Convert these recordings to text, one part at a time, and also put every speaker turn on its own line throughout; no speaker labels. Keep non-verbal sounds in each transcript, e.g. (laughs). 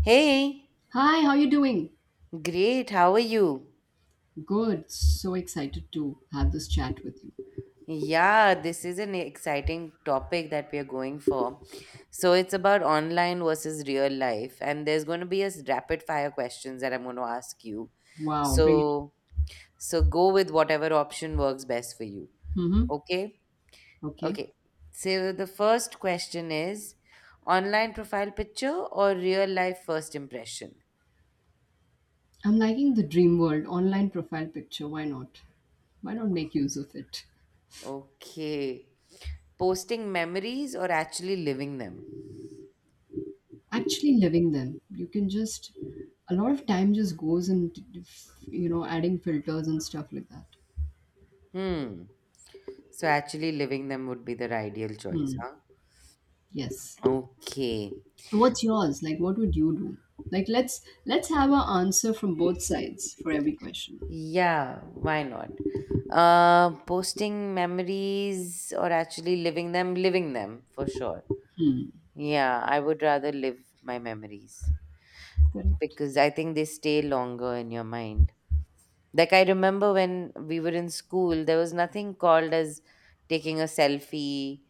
Hey,
Hi, how you doing?
great. How are you?
Good. So excited to have this chat with you.
Yeah, this is an exciting topic that we are going for. So it's about online versus real life, and there's going to be a rapid fire questions that I'm going to ask you.
Wow, bring it
So so go with whatever option works best for you.
on. Mm-hmm.
Okay?
Okay.
Okay. So the first question is online profile picture or real life first impression?
I'm liking the dream world online profile picture. Why not? Why not make use of it?
Okay. Posting memories or actually living them?
Actually living them. You can just a lot of time just goes in adding filters and stuff like that.
Hmm. So actually living them would be the ideal choice,
Hmm.
huh?
Yes.
Okay.
What's yours? Like what would you do? Like let's have our answer from both sides for every question.
Yeah, why not? Posting memories or actually living them for sure. Yeah, I would rather live my memories
Correct.
because I think they stay longer in your mind. Like I remember when we were in school, there was nothing called as taking a selfie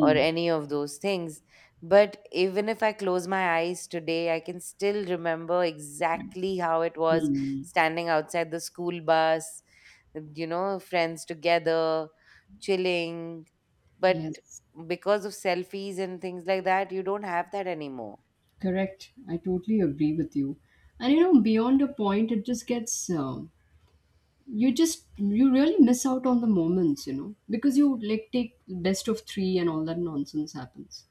or any of those things. But even if I close my eyes today, I can still remember
Right.
exactly how it was
Hmm.
standing outside the school bus, friends together, chilling. But
Yes,
because of selfies and things like that, you don't have that anymore.
correct. I totally agree with you. And beyond a point, it just gets you really miss out on the moments, because you like take best of three and all that nonsense happens.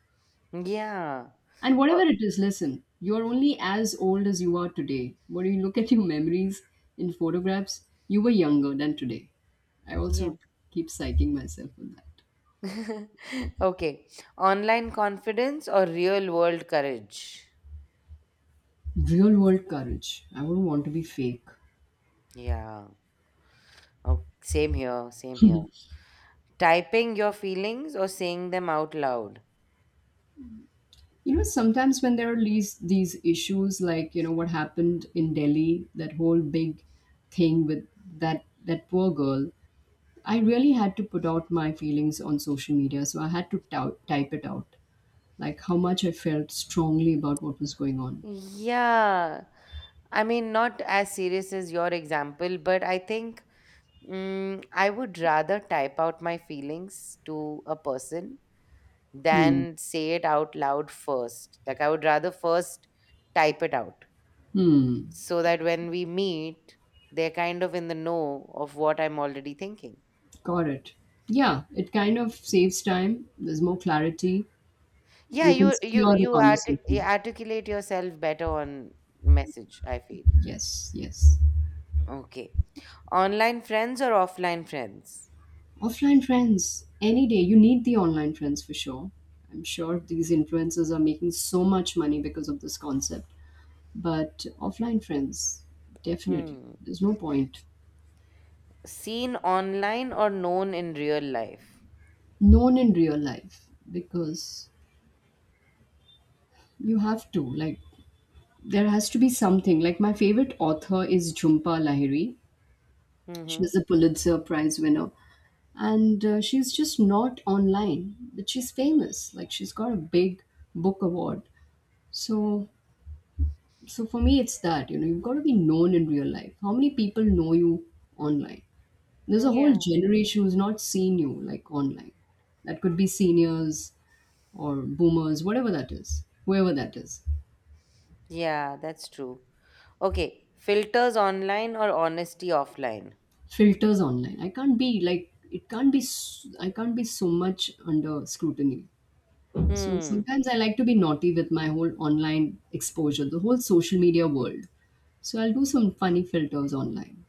Yeah.
And whatever
Uh,
it is, listen, you are only as old as you are today. When you look at your memories in photographs, you were younger than today. I also
yeah.
keep psyching myself with that.
(laughs) Okay. Online confidence or real world courage?
Real world courage. I wouldn't want to be fake.
Yeah. Oh, same here. Same here. Typing your feelings or saying them out loud?
Sometimes when there are these issues, like you know what happened in Delhi, that whole big thing with that poor girl, I really had to put out my feelings on social media. So I had to type it out, like how much I felt strongly about what was going on.
Yeah. I mean, not as serious as your example, but I think I would rather type out my feelings to a person
Hmm.
than say it out loud first. Like, I would rather first type it out.
Hmm.
So that when we meet, they're kind of in the know of what I'm already thinking.
Got it. Yeah, it kind of saves time. There's more clarity.
Yeah,
You can steer the
you
conversation.
articulate yourself better on message, I feel.
Yes. Yes.
Okay. Online friends or offline friends?
Offline friends, any day. You need the online friends for sure. I'm sure these influencers are making so much money because of this concept. But offline friends, definitely.
Hmm.
There's no point.
Seen online or known in real life?
Known in real life because you have to. Like, there has to be something. Like, my favorite author is Jhumpa Lahiri.
Mm-hmm.
She's a Pulitzer Prize winner. And she's just not online, but she's famous. Like, she's got a big book award. So So for me, it's that you know you've got to be known in real life. How many people know you online? There's a whole
Yeah,
generation who's not seen you like online. That could be seniors or boomers, whatever that is, whoever that is.
yeah, that's true. Okay. Filters online or honesty offline?
Filters online. I can't be, like, it can't be. I can't be so much under scrutiny. So
Hmm.
sometimes I like to be naughty with my whole online exposure, the whole social media world. So I'll do some funny filters online.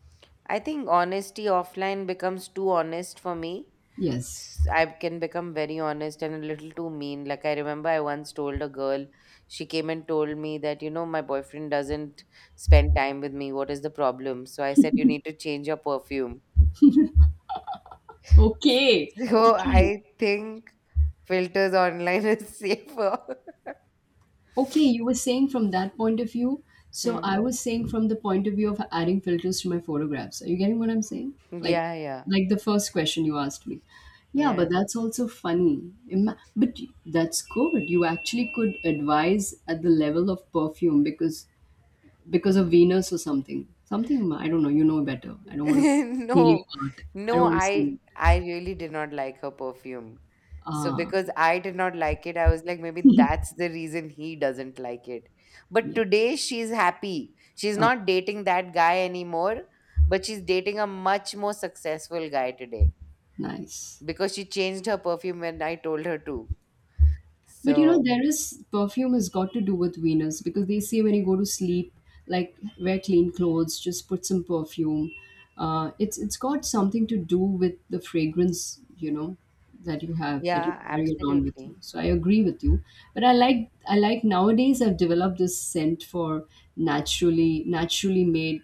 I think honesty offline becomes too honest for me.
Yes.
I can become very honest and a little too mean. Like I remember I once told a girl, she came and told me that, my boyfriend doesn't spend time with me. What is the problem? So I said, you need to change your perfume.
Okay.
(laughs) So
Okay.
I think filters online is safer. (laughs)
Okay, you were saying from that point of view. So
Hmm.
I was saying from the point of view of adding filters to my photographs. Are you getting what I'm saying? Like,
Yeah, yeah,
like the first question you asked me. Yeah, but
yeah.
that's also funny. But that's good. You actually could advise at the level of perfume because of Venus or something. Something I don't know. You know better. I
(laughs)
don't want to steal your
No,
art. I
no,
don't want to steal
I
it.
I really did not like her perfume. So
Ah,
because I did not like it, I was like, maybe that's the reason he doesn't like it. But
yes.
today she's happy. She's
Oh,
not dating that guy anymore, but she's dating a much more successful guy today
nice.
because she changed her perfume when I told her to.
But
So
there is perfume has got to do with Venus because they say when you go to sleep, like wear clean clothes, just put some perfume. It's got something to do with the fragrance, that you have that you
yeah,
carry around with you.
absolutely.
So I agree with you. But I like nowadays I've developed this scent for naturally made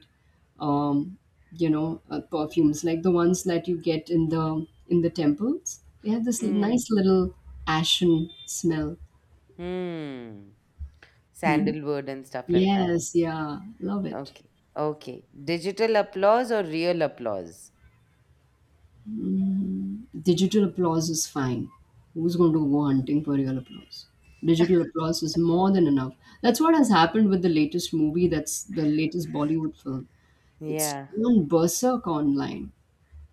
um, perfumes like the ones that you get in the temples. They have this
Hmm.
nice little ashen smell.
Hmm.
Mhm.
Sandalwood and stuff like that.
Yes, yeah, love it.
Okay. Okay. Digital applause or real applause?
Mhm. Digital applause is fine. Who's going to go hunting for real applause? Digital applause is more than enough. That's what has happened with the latest movie, that's the latest Bollywood film. It's
Yeah.
gone berserk online.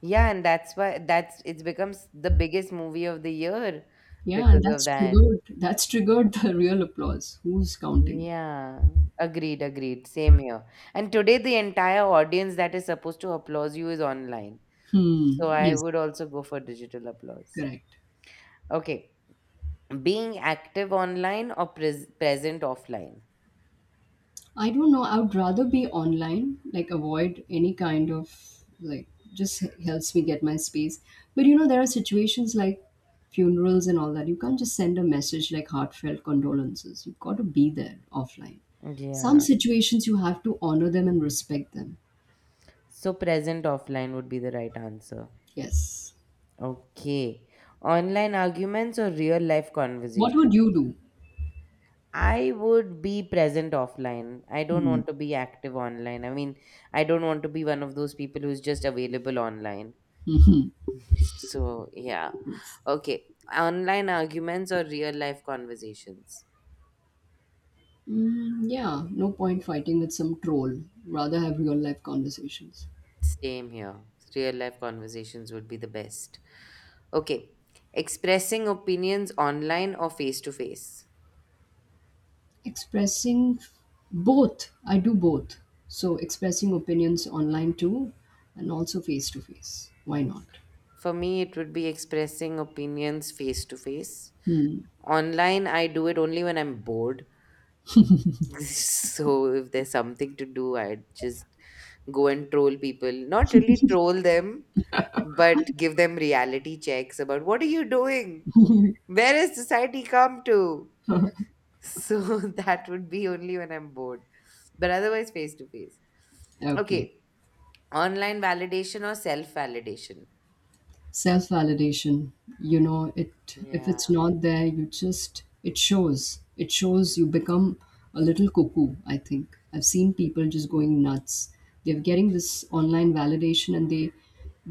Yeah, and that's why that's it becomes the biggest movie of the year
Yeah, and
because of
that's
that.
triggered that's triggered (laughs) the real applause. Who's counting?
Yeah. Agreed, agreed. Same here. And today the entire audience that is supposed to applaud you is online.
Hmm.
So I
Yes,
would also go for digital applause.
correct.
Okay. Being active online or present offline?
I don't know. I would rather be online, like avoid any kind of, like, just helps me get my space. But there are situations like funerals and all that. You can't just send a message like heartfelt condolences. You've got to be there offline. Some
Yeah.
situations you have to honor them and respect them.
So present offline would be the right answer.
Yes.
Okay. Online arguments or real life
What would
conversations?
you do?
I would be present offline. I don't
Hmm.
want to be active online. I mean, I don't want to be one of those people who's just available online. So, yeah.
Yes.
Okay. Online arguments or real life conversations?
Yeah, no point fighting with some troll. Rather have real life conversations.
Same here. Real life conversations would be the best. Okay. Expressing opinions online or face to face?
Expressing both, I do both. So expressing opinions online too, and also face to face. Why not?
For me, it would be expressing opinions face to face. Online, I do it only when I'm bored. (laughs) So if there's something to do, I just go and troll people. Not really troll them, but give them reality checks about what are you doing? Where has society come to? So (laughs) that would be only when I'm bored. But otherwise, face to face.
Okay.
Okay. Online validation or self validation?
Self validation, you know it. If
Yeah.
it's not there, you just it shows you become a little cuckoo. I think I've seen people just going nuts. They're getting this online validation and they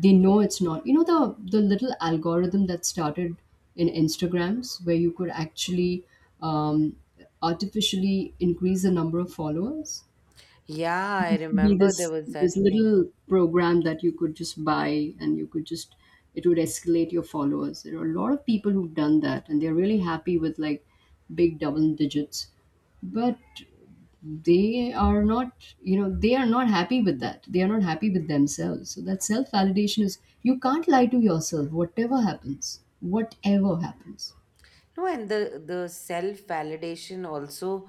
they know it's not, the little algorithm that started in Instagrams where you could actually um, artificially increase the number of followers.
Yeah, I
Used to be
remember
this
there was that thing.
little program that you could just buy, and you could just it would escalate your followers. There are a lot of people who've done that, and they're really happy with, like, big double digits. But they are not, they are not happy with that. They are not happy with themselves. So that self validation is, you can't lie to yourself, whatever happens, whatever happens.
No, and the self validation also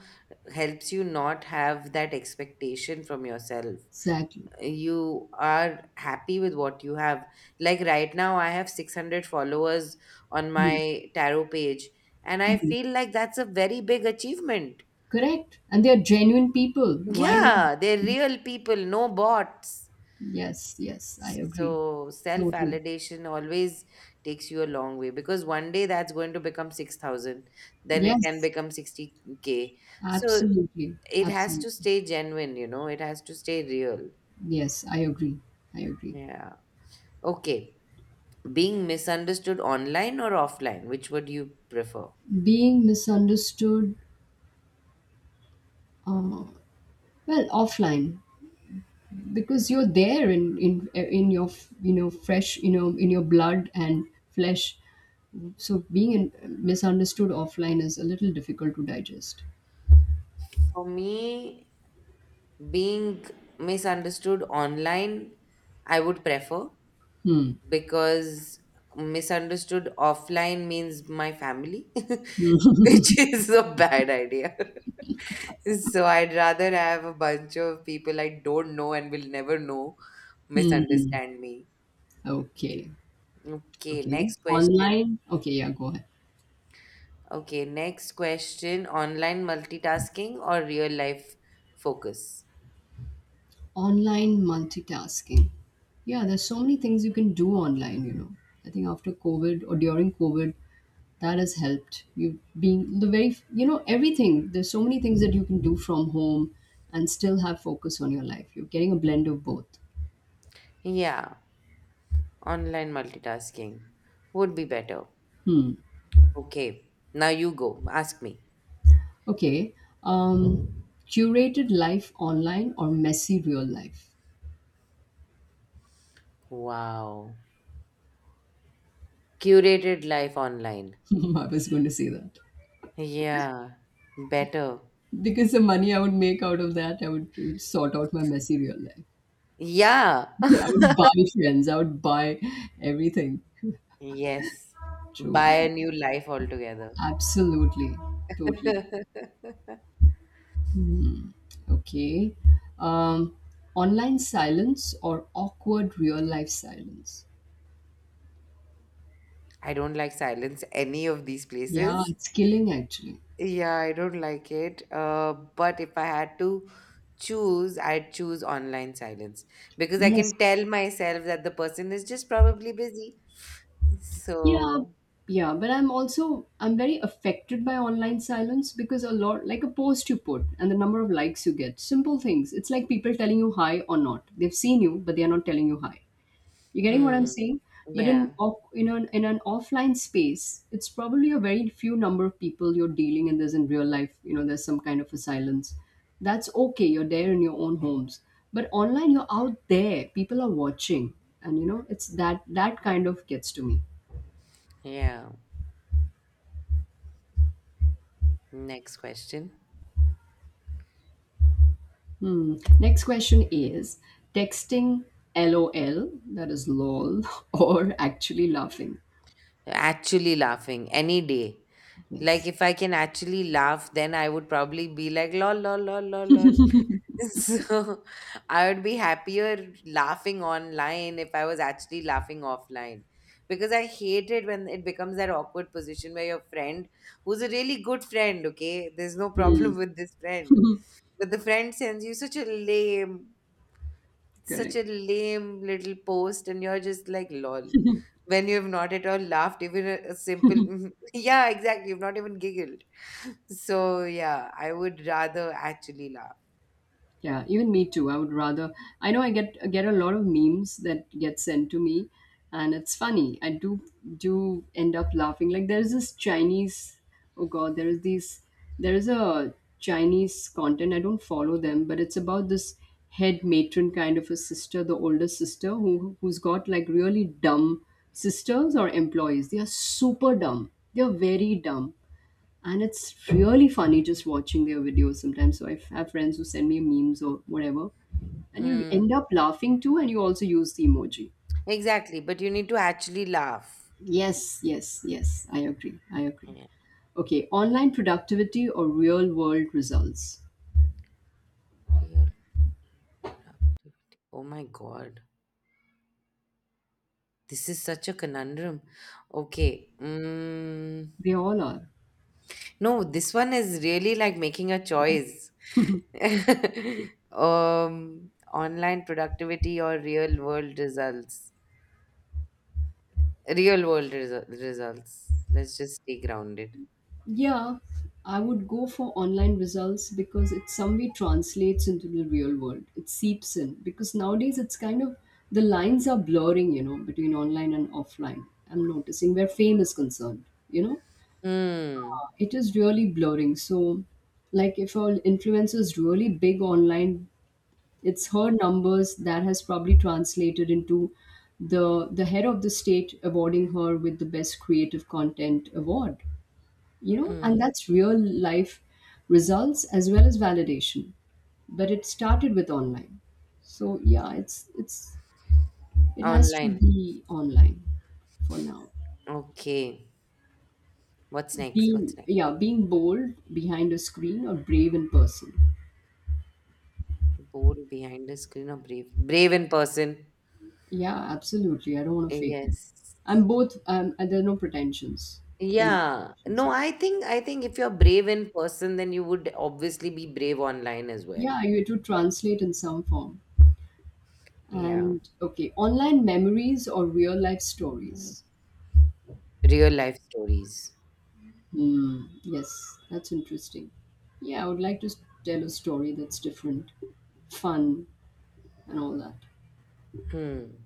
helps you not have that expectation from yourself.
Exactly.
You are happy with what you have. Like right now I have 600 followers on
Hmm.
my tarot page, and I
Hmm.
feel like that's a very big achievement.
Correct, and they are genuine people. Why not?
Yeah, they're
Hmm.
real people, no bots.
Yes, yes, I agree.
So self
Totally.
validation always takes you a long way, because one day that's going to become 6,000, then it can
Yes,
become 60K. So
absolutely.
it has to
Absolutely.
stay genuine, it has to stay real.
Yes, I agree. I agree.
Yeah. Okay. Being misunderstood online or offline, which would you prefer?
Being misunderstood, uh, well, offline because you're there in your, fresh, in your blood and flesh. So misunderstood offline is a little difficult to digest.
For me, being misunderstood online, I would prefer, because misunderstood offline means my family, (laughs) which is a bad idea. (laughs) So I'd rather have a bunch of people I don't know and will never know
Hmm.
misunderstand me.
Okay.
Okay,
Okay.
next question.
Online. Okay. Yeah. Go ahead.
Okay, next question, online multitasking or real life focus?
Online multitasking. Yeah, there's so many things you can do online. I think after COVID or during COVID, that has helped. You being the very, everything. There's so many things that you can do from home and still have focus on your life. You're getting a blend of both.
Yeah, online multitasking would be better.
Hmm.
Okay, now you go. Ask me.
Okay. Curated life online or messy real life?
Wow. Curated life online.
(laughs) I was going to say that.
Yeah, better.
Because the money I would make out of that, I would sort out my messy real life.
Yeah.
(laughs) I
(laughs)
would buy trends. I would buy everything.
Yes.
True.
Buy
I
a new life altogether.
absolutely, totally.
(laughs)
Hmm, okay. Um, online silence or awkward real life silence.
I don't like silence any of these
Yeah,
places.
it's killing actually.
Yeah, I don't like it. But if I had to choose, I'd choose online silence because I
Yes.
can tell myself that the person is just probably busy.
Yeah.
So,
Yeah, but I'm very affected by online silence because a lot, like, a post you put and the number of likes you get, simple things. It's like people telling you hi or not. They've seen you, but they are not telling you hi. You getting what I'm
hmm,
saying? But
yeah,
in an offline space, it's probably a very few number of people you're dealing, and there's in real life, there's some kind of a silence. That's okay. You're there in your own homes, but online, you're out there. People are watching, and it's that kind of gets to me.
yeah. Next question.
Hmm. Next question is texting LOL, that is LOL, (laughs) or actually laughing.
Actually laughing any day. Like
Yes.
if I can actually laugh, then I would probably be like lol lol lol lol lol. (laughs) So I would be happier laughing online if I was actually laughing offline. Because I hate it when it becomes that awkward position where your friend, who's a really good friend, okay, there's no
Hmm.
problem (laughs) with this friend,
(laughs)
but the friend sends you such a
Correct.
lame little post, and you're just like, lol. When you have not at all laughed, even a simple, (laughs) yeah, exactly, you've not even giggled. (laughs) So, yeah, I would rather actually laugh.
Yeah, even me too. I would rather. I know I get a lot of memes that get sent to me, and it's funny. I do end up laughing. Like there is this Chinese. Oh God, there is these. There is a Chinese content. I don't follow them, but it's about this head matron kind of a sister, the older sister who's got like really dumb sisters or employees. They are super dumb. They are very dumb, and it's really funny just watching their videos sometimes. So I have friends who send me memes or whatever, and you end
Hmm.
up laughing too, and you also use the emoji.
Exactly, but you need to actually laugh.
Yes, yes, yes, I agree. I agree.
Yeah,
Okay, online productivity or real world results?
real productivity. Oh my god, this is such a conundrum. Okay,
They all are.
no, this one is really like making a choice. (laughs) Online productivity or real world results? Real world results. Let's just stay grounded.
Yeah, I would go for online results because it some way translates into the real world. It seeps in because nowadays it's kind of, the lines are blurring, between online and offline. I'm noticing where fame is concerned,
Hmm.
it is really blurring. So, like if an influencer is really big online, it's her numbers that has probably translated into the head of the state awarding her with the best creative content award,
Hmm.
and that's real life results as well as validation. But it started with online. So yeah, it has to
Online.
be online for now.
Okay. What's next? What's
being
next?
yeah being bold behind a screen or brave in person.
Bold behind the screen or brave? Brave in person.
Yeah, absolutely. I don't want to fake it.
Yes.
I'm both, and there are no pretensions. There are no
Yeah.
pretensions
No,
here.
I think if you're brave in person, then you would obviously be brave online as well.
Yeah, you have to translate in some form.
Yeah.
And okay, online memories or real life stories.
Real life stories.
Hmm. Yes, that's interesting. Yeah, I would like to tell a story that's different, fun, and all that.
Hmm.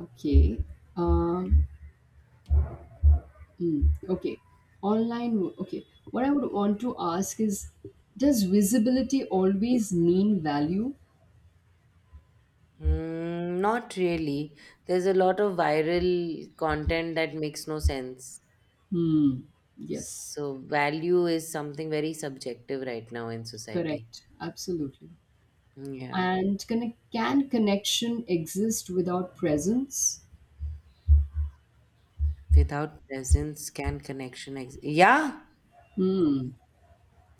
Okay. Um, hmm, okay. Online. Okay. What I would want to ask is, does visibility always mean value?
Mm, not really. There's a lot of viral content that makes no sense.
Hmm. Yes,
So value is something very subjective right now in society.
correct. Absolutely.
Yeah.
And can connection exist without presence?
Without presence, can connection exist? Yeah.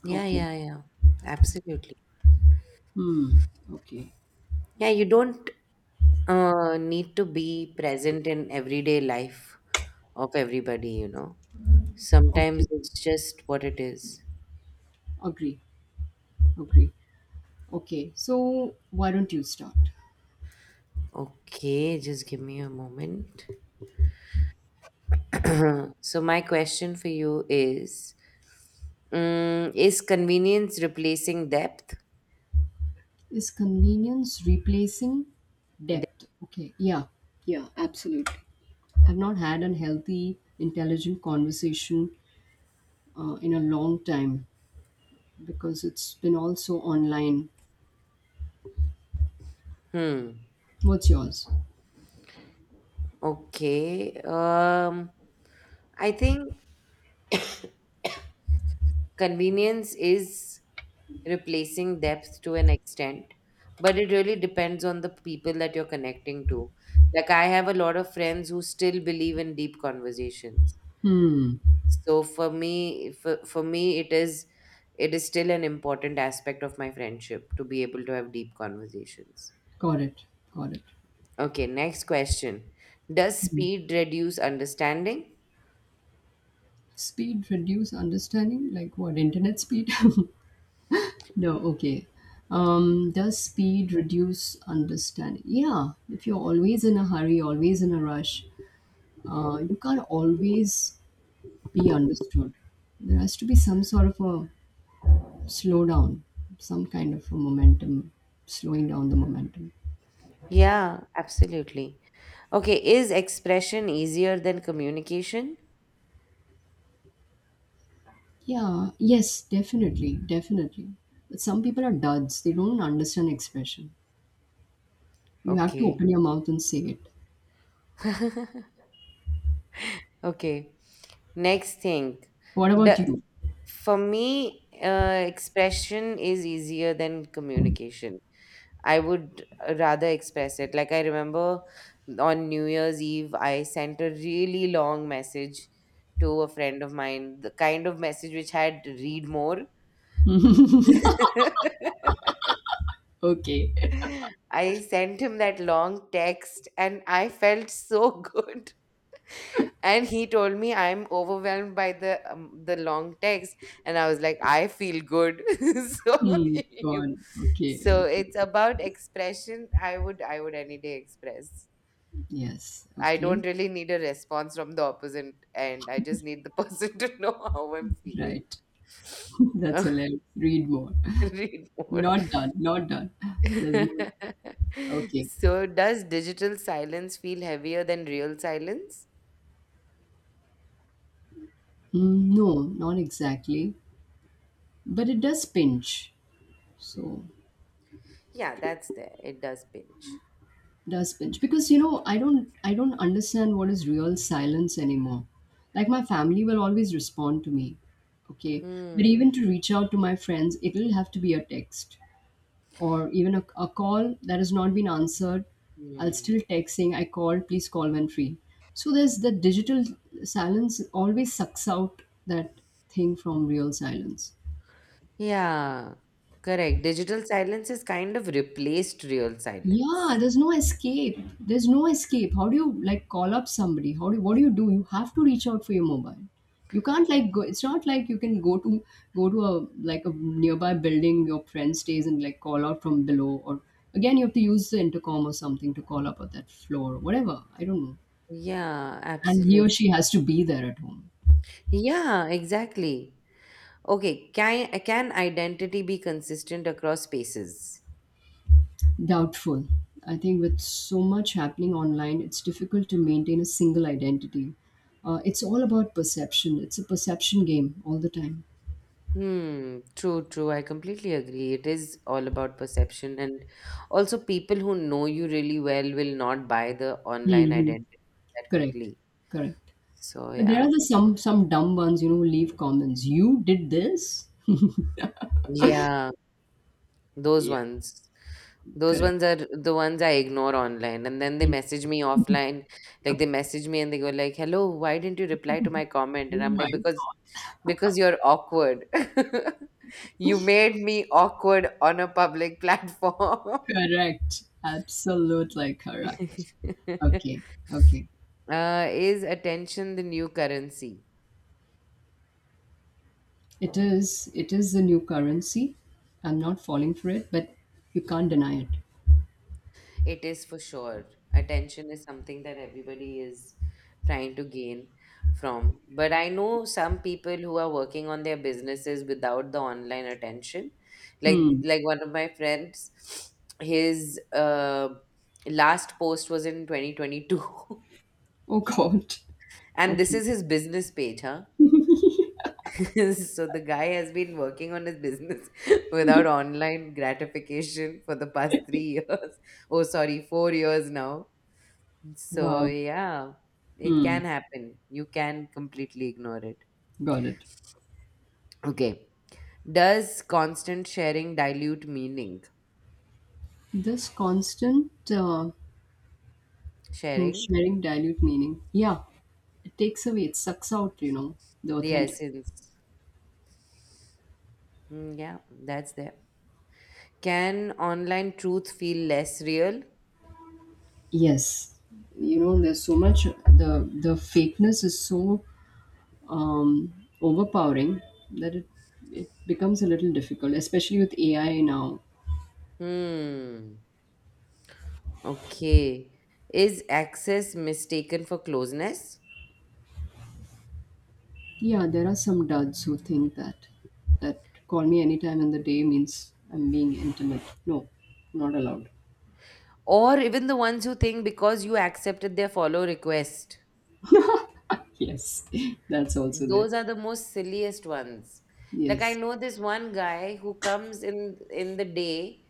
Yeah,
Okay.
yeah, yeah. Absolutely.
Okay.
Yeah, you don't need to be present in everyday life of everybody.
Okay.
Sometimes it's just what it is.
Agree. Agree. Okay, so why don't you start?
Okay, just give me a moment. (clears throat) So, my question for you is, is convenience replacing depth?
Is convenience replacing depth? Okay, yeah, yeah, absolutely. I've not had a healthy, intelligent conversation in a long time because it's been also online.
Hmm.
What's yours?
Okay. I think convenience is replacing depth to an extent. But it really depends on the people that you're connecting to. Like, I have a lot of friends who still believe in deep conversations.
Hmm,
So for me, it is still an important aspect of my friendship to be able to have deep conversations.
got it, got it.
Okay, next question. Does
Hmm.
speed reduce understanding?
Speed reduce understanding? Like what, internet speed? (laughs) No, okay. Does speed reduce understanding? Yeah, if you're always in a hurry, always in a rush, you can't always be understood. There has to be some sort of a slowdown, some kind of a momentum, slowing down the momentum.
Yeah, absolutely. Okay, is expression easier than communication?
Yeah, yes, definitely, definitely. But some people are duds, they don't understand expression. You have to
Okay.
open your mouth and say it.
Okay. Next thing,
What about
the
you?
for me, expression is easier than communication. I would rather express it. Like I remember on New Year's Eve, I sent a really long message to a friend of mine, the kind of message which had read more. (laughs)
(laughs) Okay.
I sent him that long text and I felt so (laughs) good, and he told me I'm overwhelmed by the long text. And I was like, I feel good. (laughs) So (laughs)
Hmm, go
you,
on. Okay,
so
okay.
it's about expression, I would any day express.
Yes,
I
okay.
don't really need a response from the opposite, and I just need the person (laughs) to know how I'm feeling.
Right. (laughs) That's
(laughs)
hilarious. Read more.
Read more.
Not done, not done. There's more.
(laughs)
Okay.
So does digital silence feel heavier than real silence?
Mm, no, not exactly, but it does pinch. So
Yeah, that's there, it does pinch.
does pinch because you know I don't understand what is real silence anymore. Like my family will always respond to me, okay, but even
Hmm.
to reach out to my friends, it'll have to be a text or even a call that has not been answered. I'll
Hmm.
still text saying I called, please call when free. So there's the digital silence always sucks out that thing from real silence.
Yeah, correct. Digital silence is kind of replaced real
Yeah,
silence.
there's no escape. There's no escape. How do you like call up somebody? How do you, what do? You have to reach out for your mobile. You can't like go. It's not like you can go to a like a nearby building your friend stays and like call out from below. Or again, you have to use the intercom or something to call up at that floor, whatever. I don't know.
Yeah,
And he or
absolutely.
she has to be there at home.
Yeah, exactly. Okay, can identity be consistent across spaces?
Doubtful. I think with so much happening online, it's difficult to maintain a single identity. It's all about perception. It's a perception game all the time.
Hmm, true, true. I completely agree. It is all about perception, and also people who know you really well will not buy the online
Hmm.
identity that
Correct.
quickly.
Correct.
So
But there
yeah.
are the some dumb ones, you know, who leave comments. You did this. (laughs)
Yeah. Those
Yeah.
ones. Those
Correct.
ones are the ones I ignore online. And then they
Mm.
message me offline. Like they message me and they go like, Hello, why didn't you reply to my comment?
Oh
And I'm
my.
like, Because you're awkward. (laughs) You made me awkward on a public platform.
Correct. Absolutely correct.
(laughs)
Okay. Okay.
Is attention the new currency?
It is. It is the new currency. I'm not falling for it, but you can't deny
It is for sure. Attention is something that everybody is trying to gain from. But I know some people who are working on their businesses without the online attention. Like
it.
like one of my friends, his last post was in 2022. (laughs)
Oh God.
And this
Okay.
is his business page, huh? (laughs) So the guy has been working on his business (laughs) without online gratification for the past 3 years. (laughs) Oh, sorry, 4 years now. So,
Wow.
yeah, it
Hmm.
can happen. You can completely ignore it.
Got it.
Okay. Does constant sharing dilute meaning?
This constant
Sharing
sharing dilute meaning. Yeah, it takes away. It sucks out. You know the
the
authentic.
essence. Mm, yeah, that's there. Can online truth feel less real?
Yes. You know there's so much. The fakeness is so um, overpowering that it becomes a little difficult, especially with AI now.
Hmm. Okay. Is access mistaken for closeness?
Yeah, there are some duds who think that call me anytime in the day means I'm being intimate. No, not allowed.
Or even the ones who think because you accepted their follow request.
Yes, (laughs) that's also there.
Those are the most silliest ones. Like I
Yes.
know this one guy who comes in the day,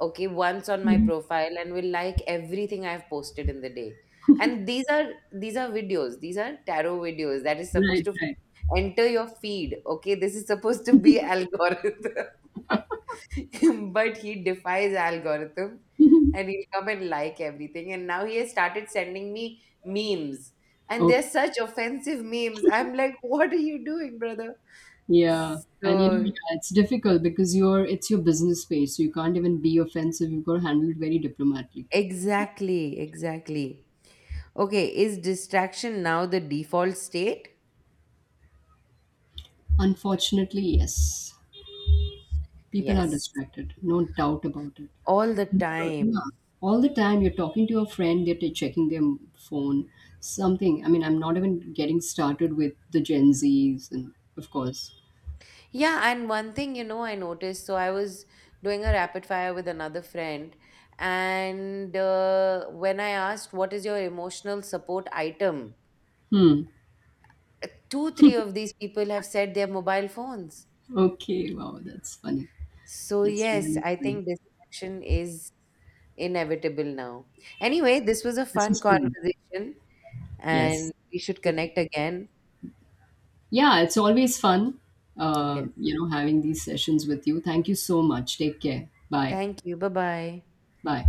okay, once on my
Mhm.
profile and will like everything I've posted in the day. And these are videos. These are tarot videos that is supposed
Right,
to
right.
enter your feed. Okay, this is supposed to be (laughs) algorithm. (laughs) But he defies algorithm, and he'll come and like everything, and now he has started sending me memes, and
Okay.
they're such offensive memes, I'm like, (laughs) what are you doing, brother?
Yeah. And you know,
So
yeah, it's difficult because you're it's your business space, so you can't even be offensive. You've got to handle it very diplomatically.
exactly, exactly. Okay, is distraction now the default state?
Unfortunately, yes. People are
Yes,
distracted, no doubt about it.
all the
Yeah.
time.
All the time you're talking to your friend, checking their phone, something. I mean, I'm not even getting started with the Gen Zs and of course.
Yeah, and one thing I noticed. So I was doing a rapid fire with another friend, and when I asked, "What is your emotional support item?"
Hmm.
Two, three of these people have said their mobile phones.
Okay, wow, that's funny.
So
That's
yes,
really
I
funny.
think distraction is inevitable now. Anyway, this was a
This
fun
is true.
conversation,
Yes.
and we should connect again.
Yeah, it's always fun,
Yes,
you know, having these sessions with you. Thank you so much. Take care. Bye.
thank you. Bye bye.
Bye.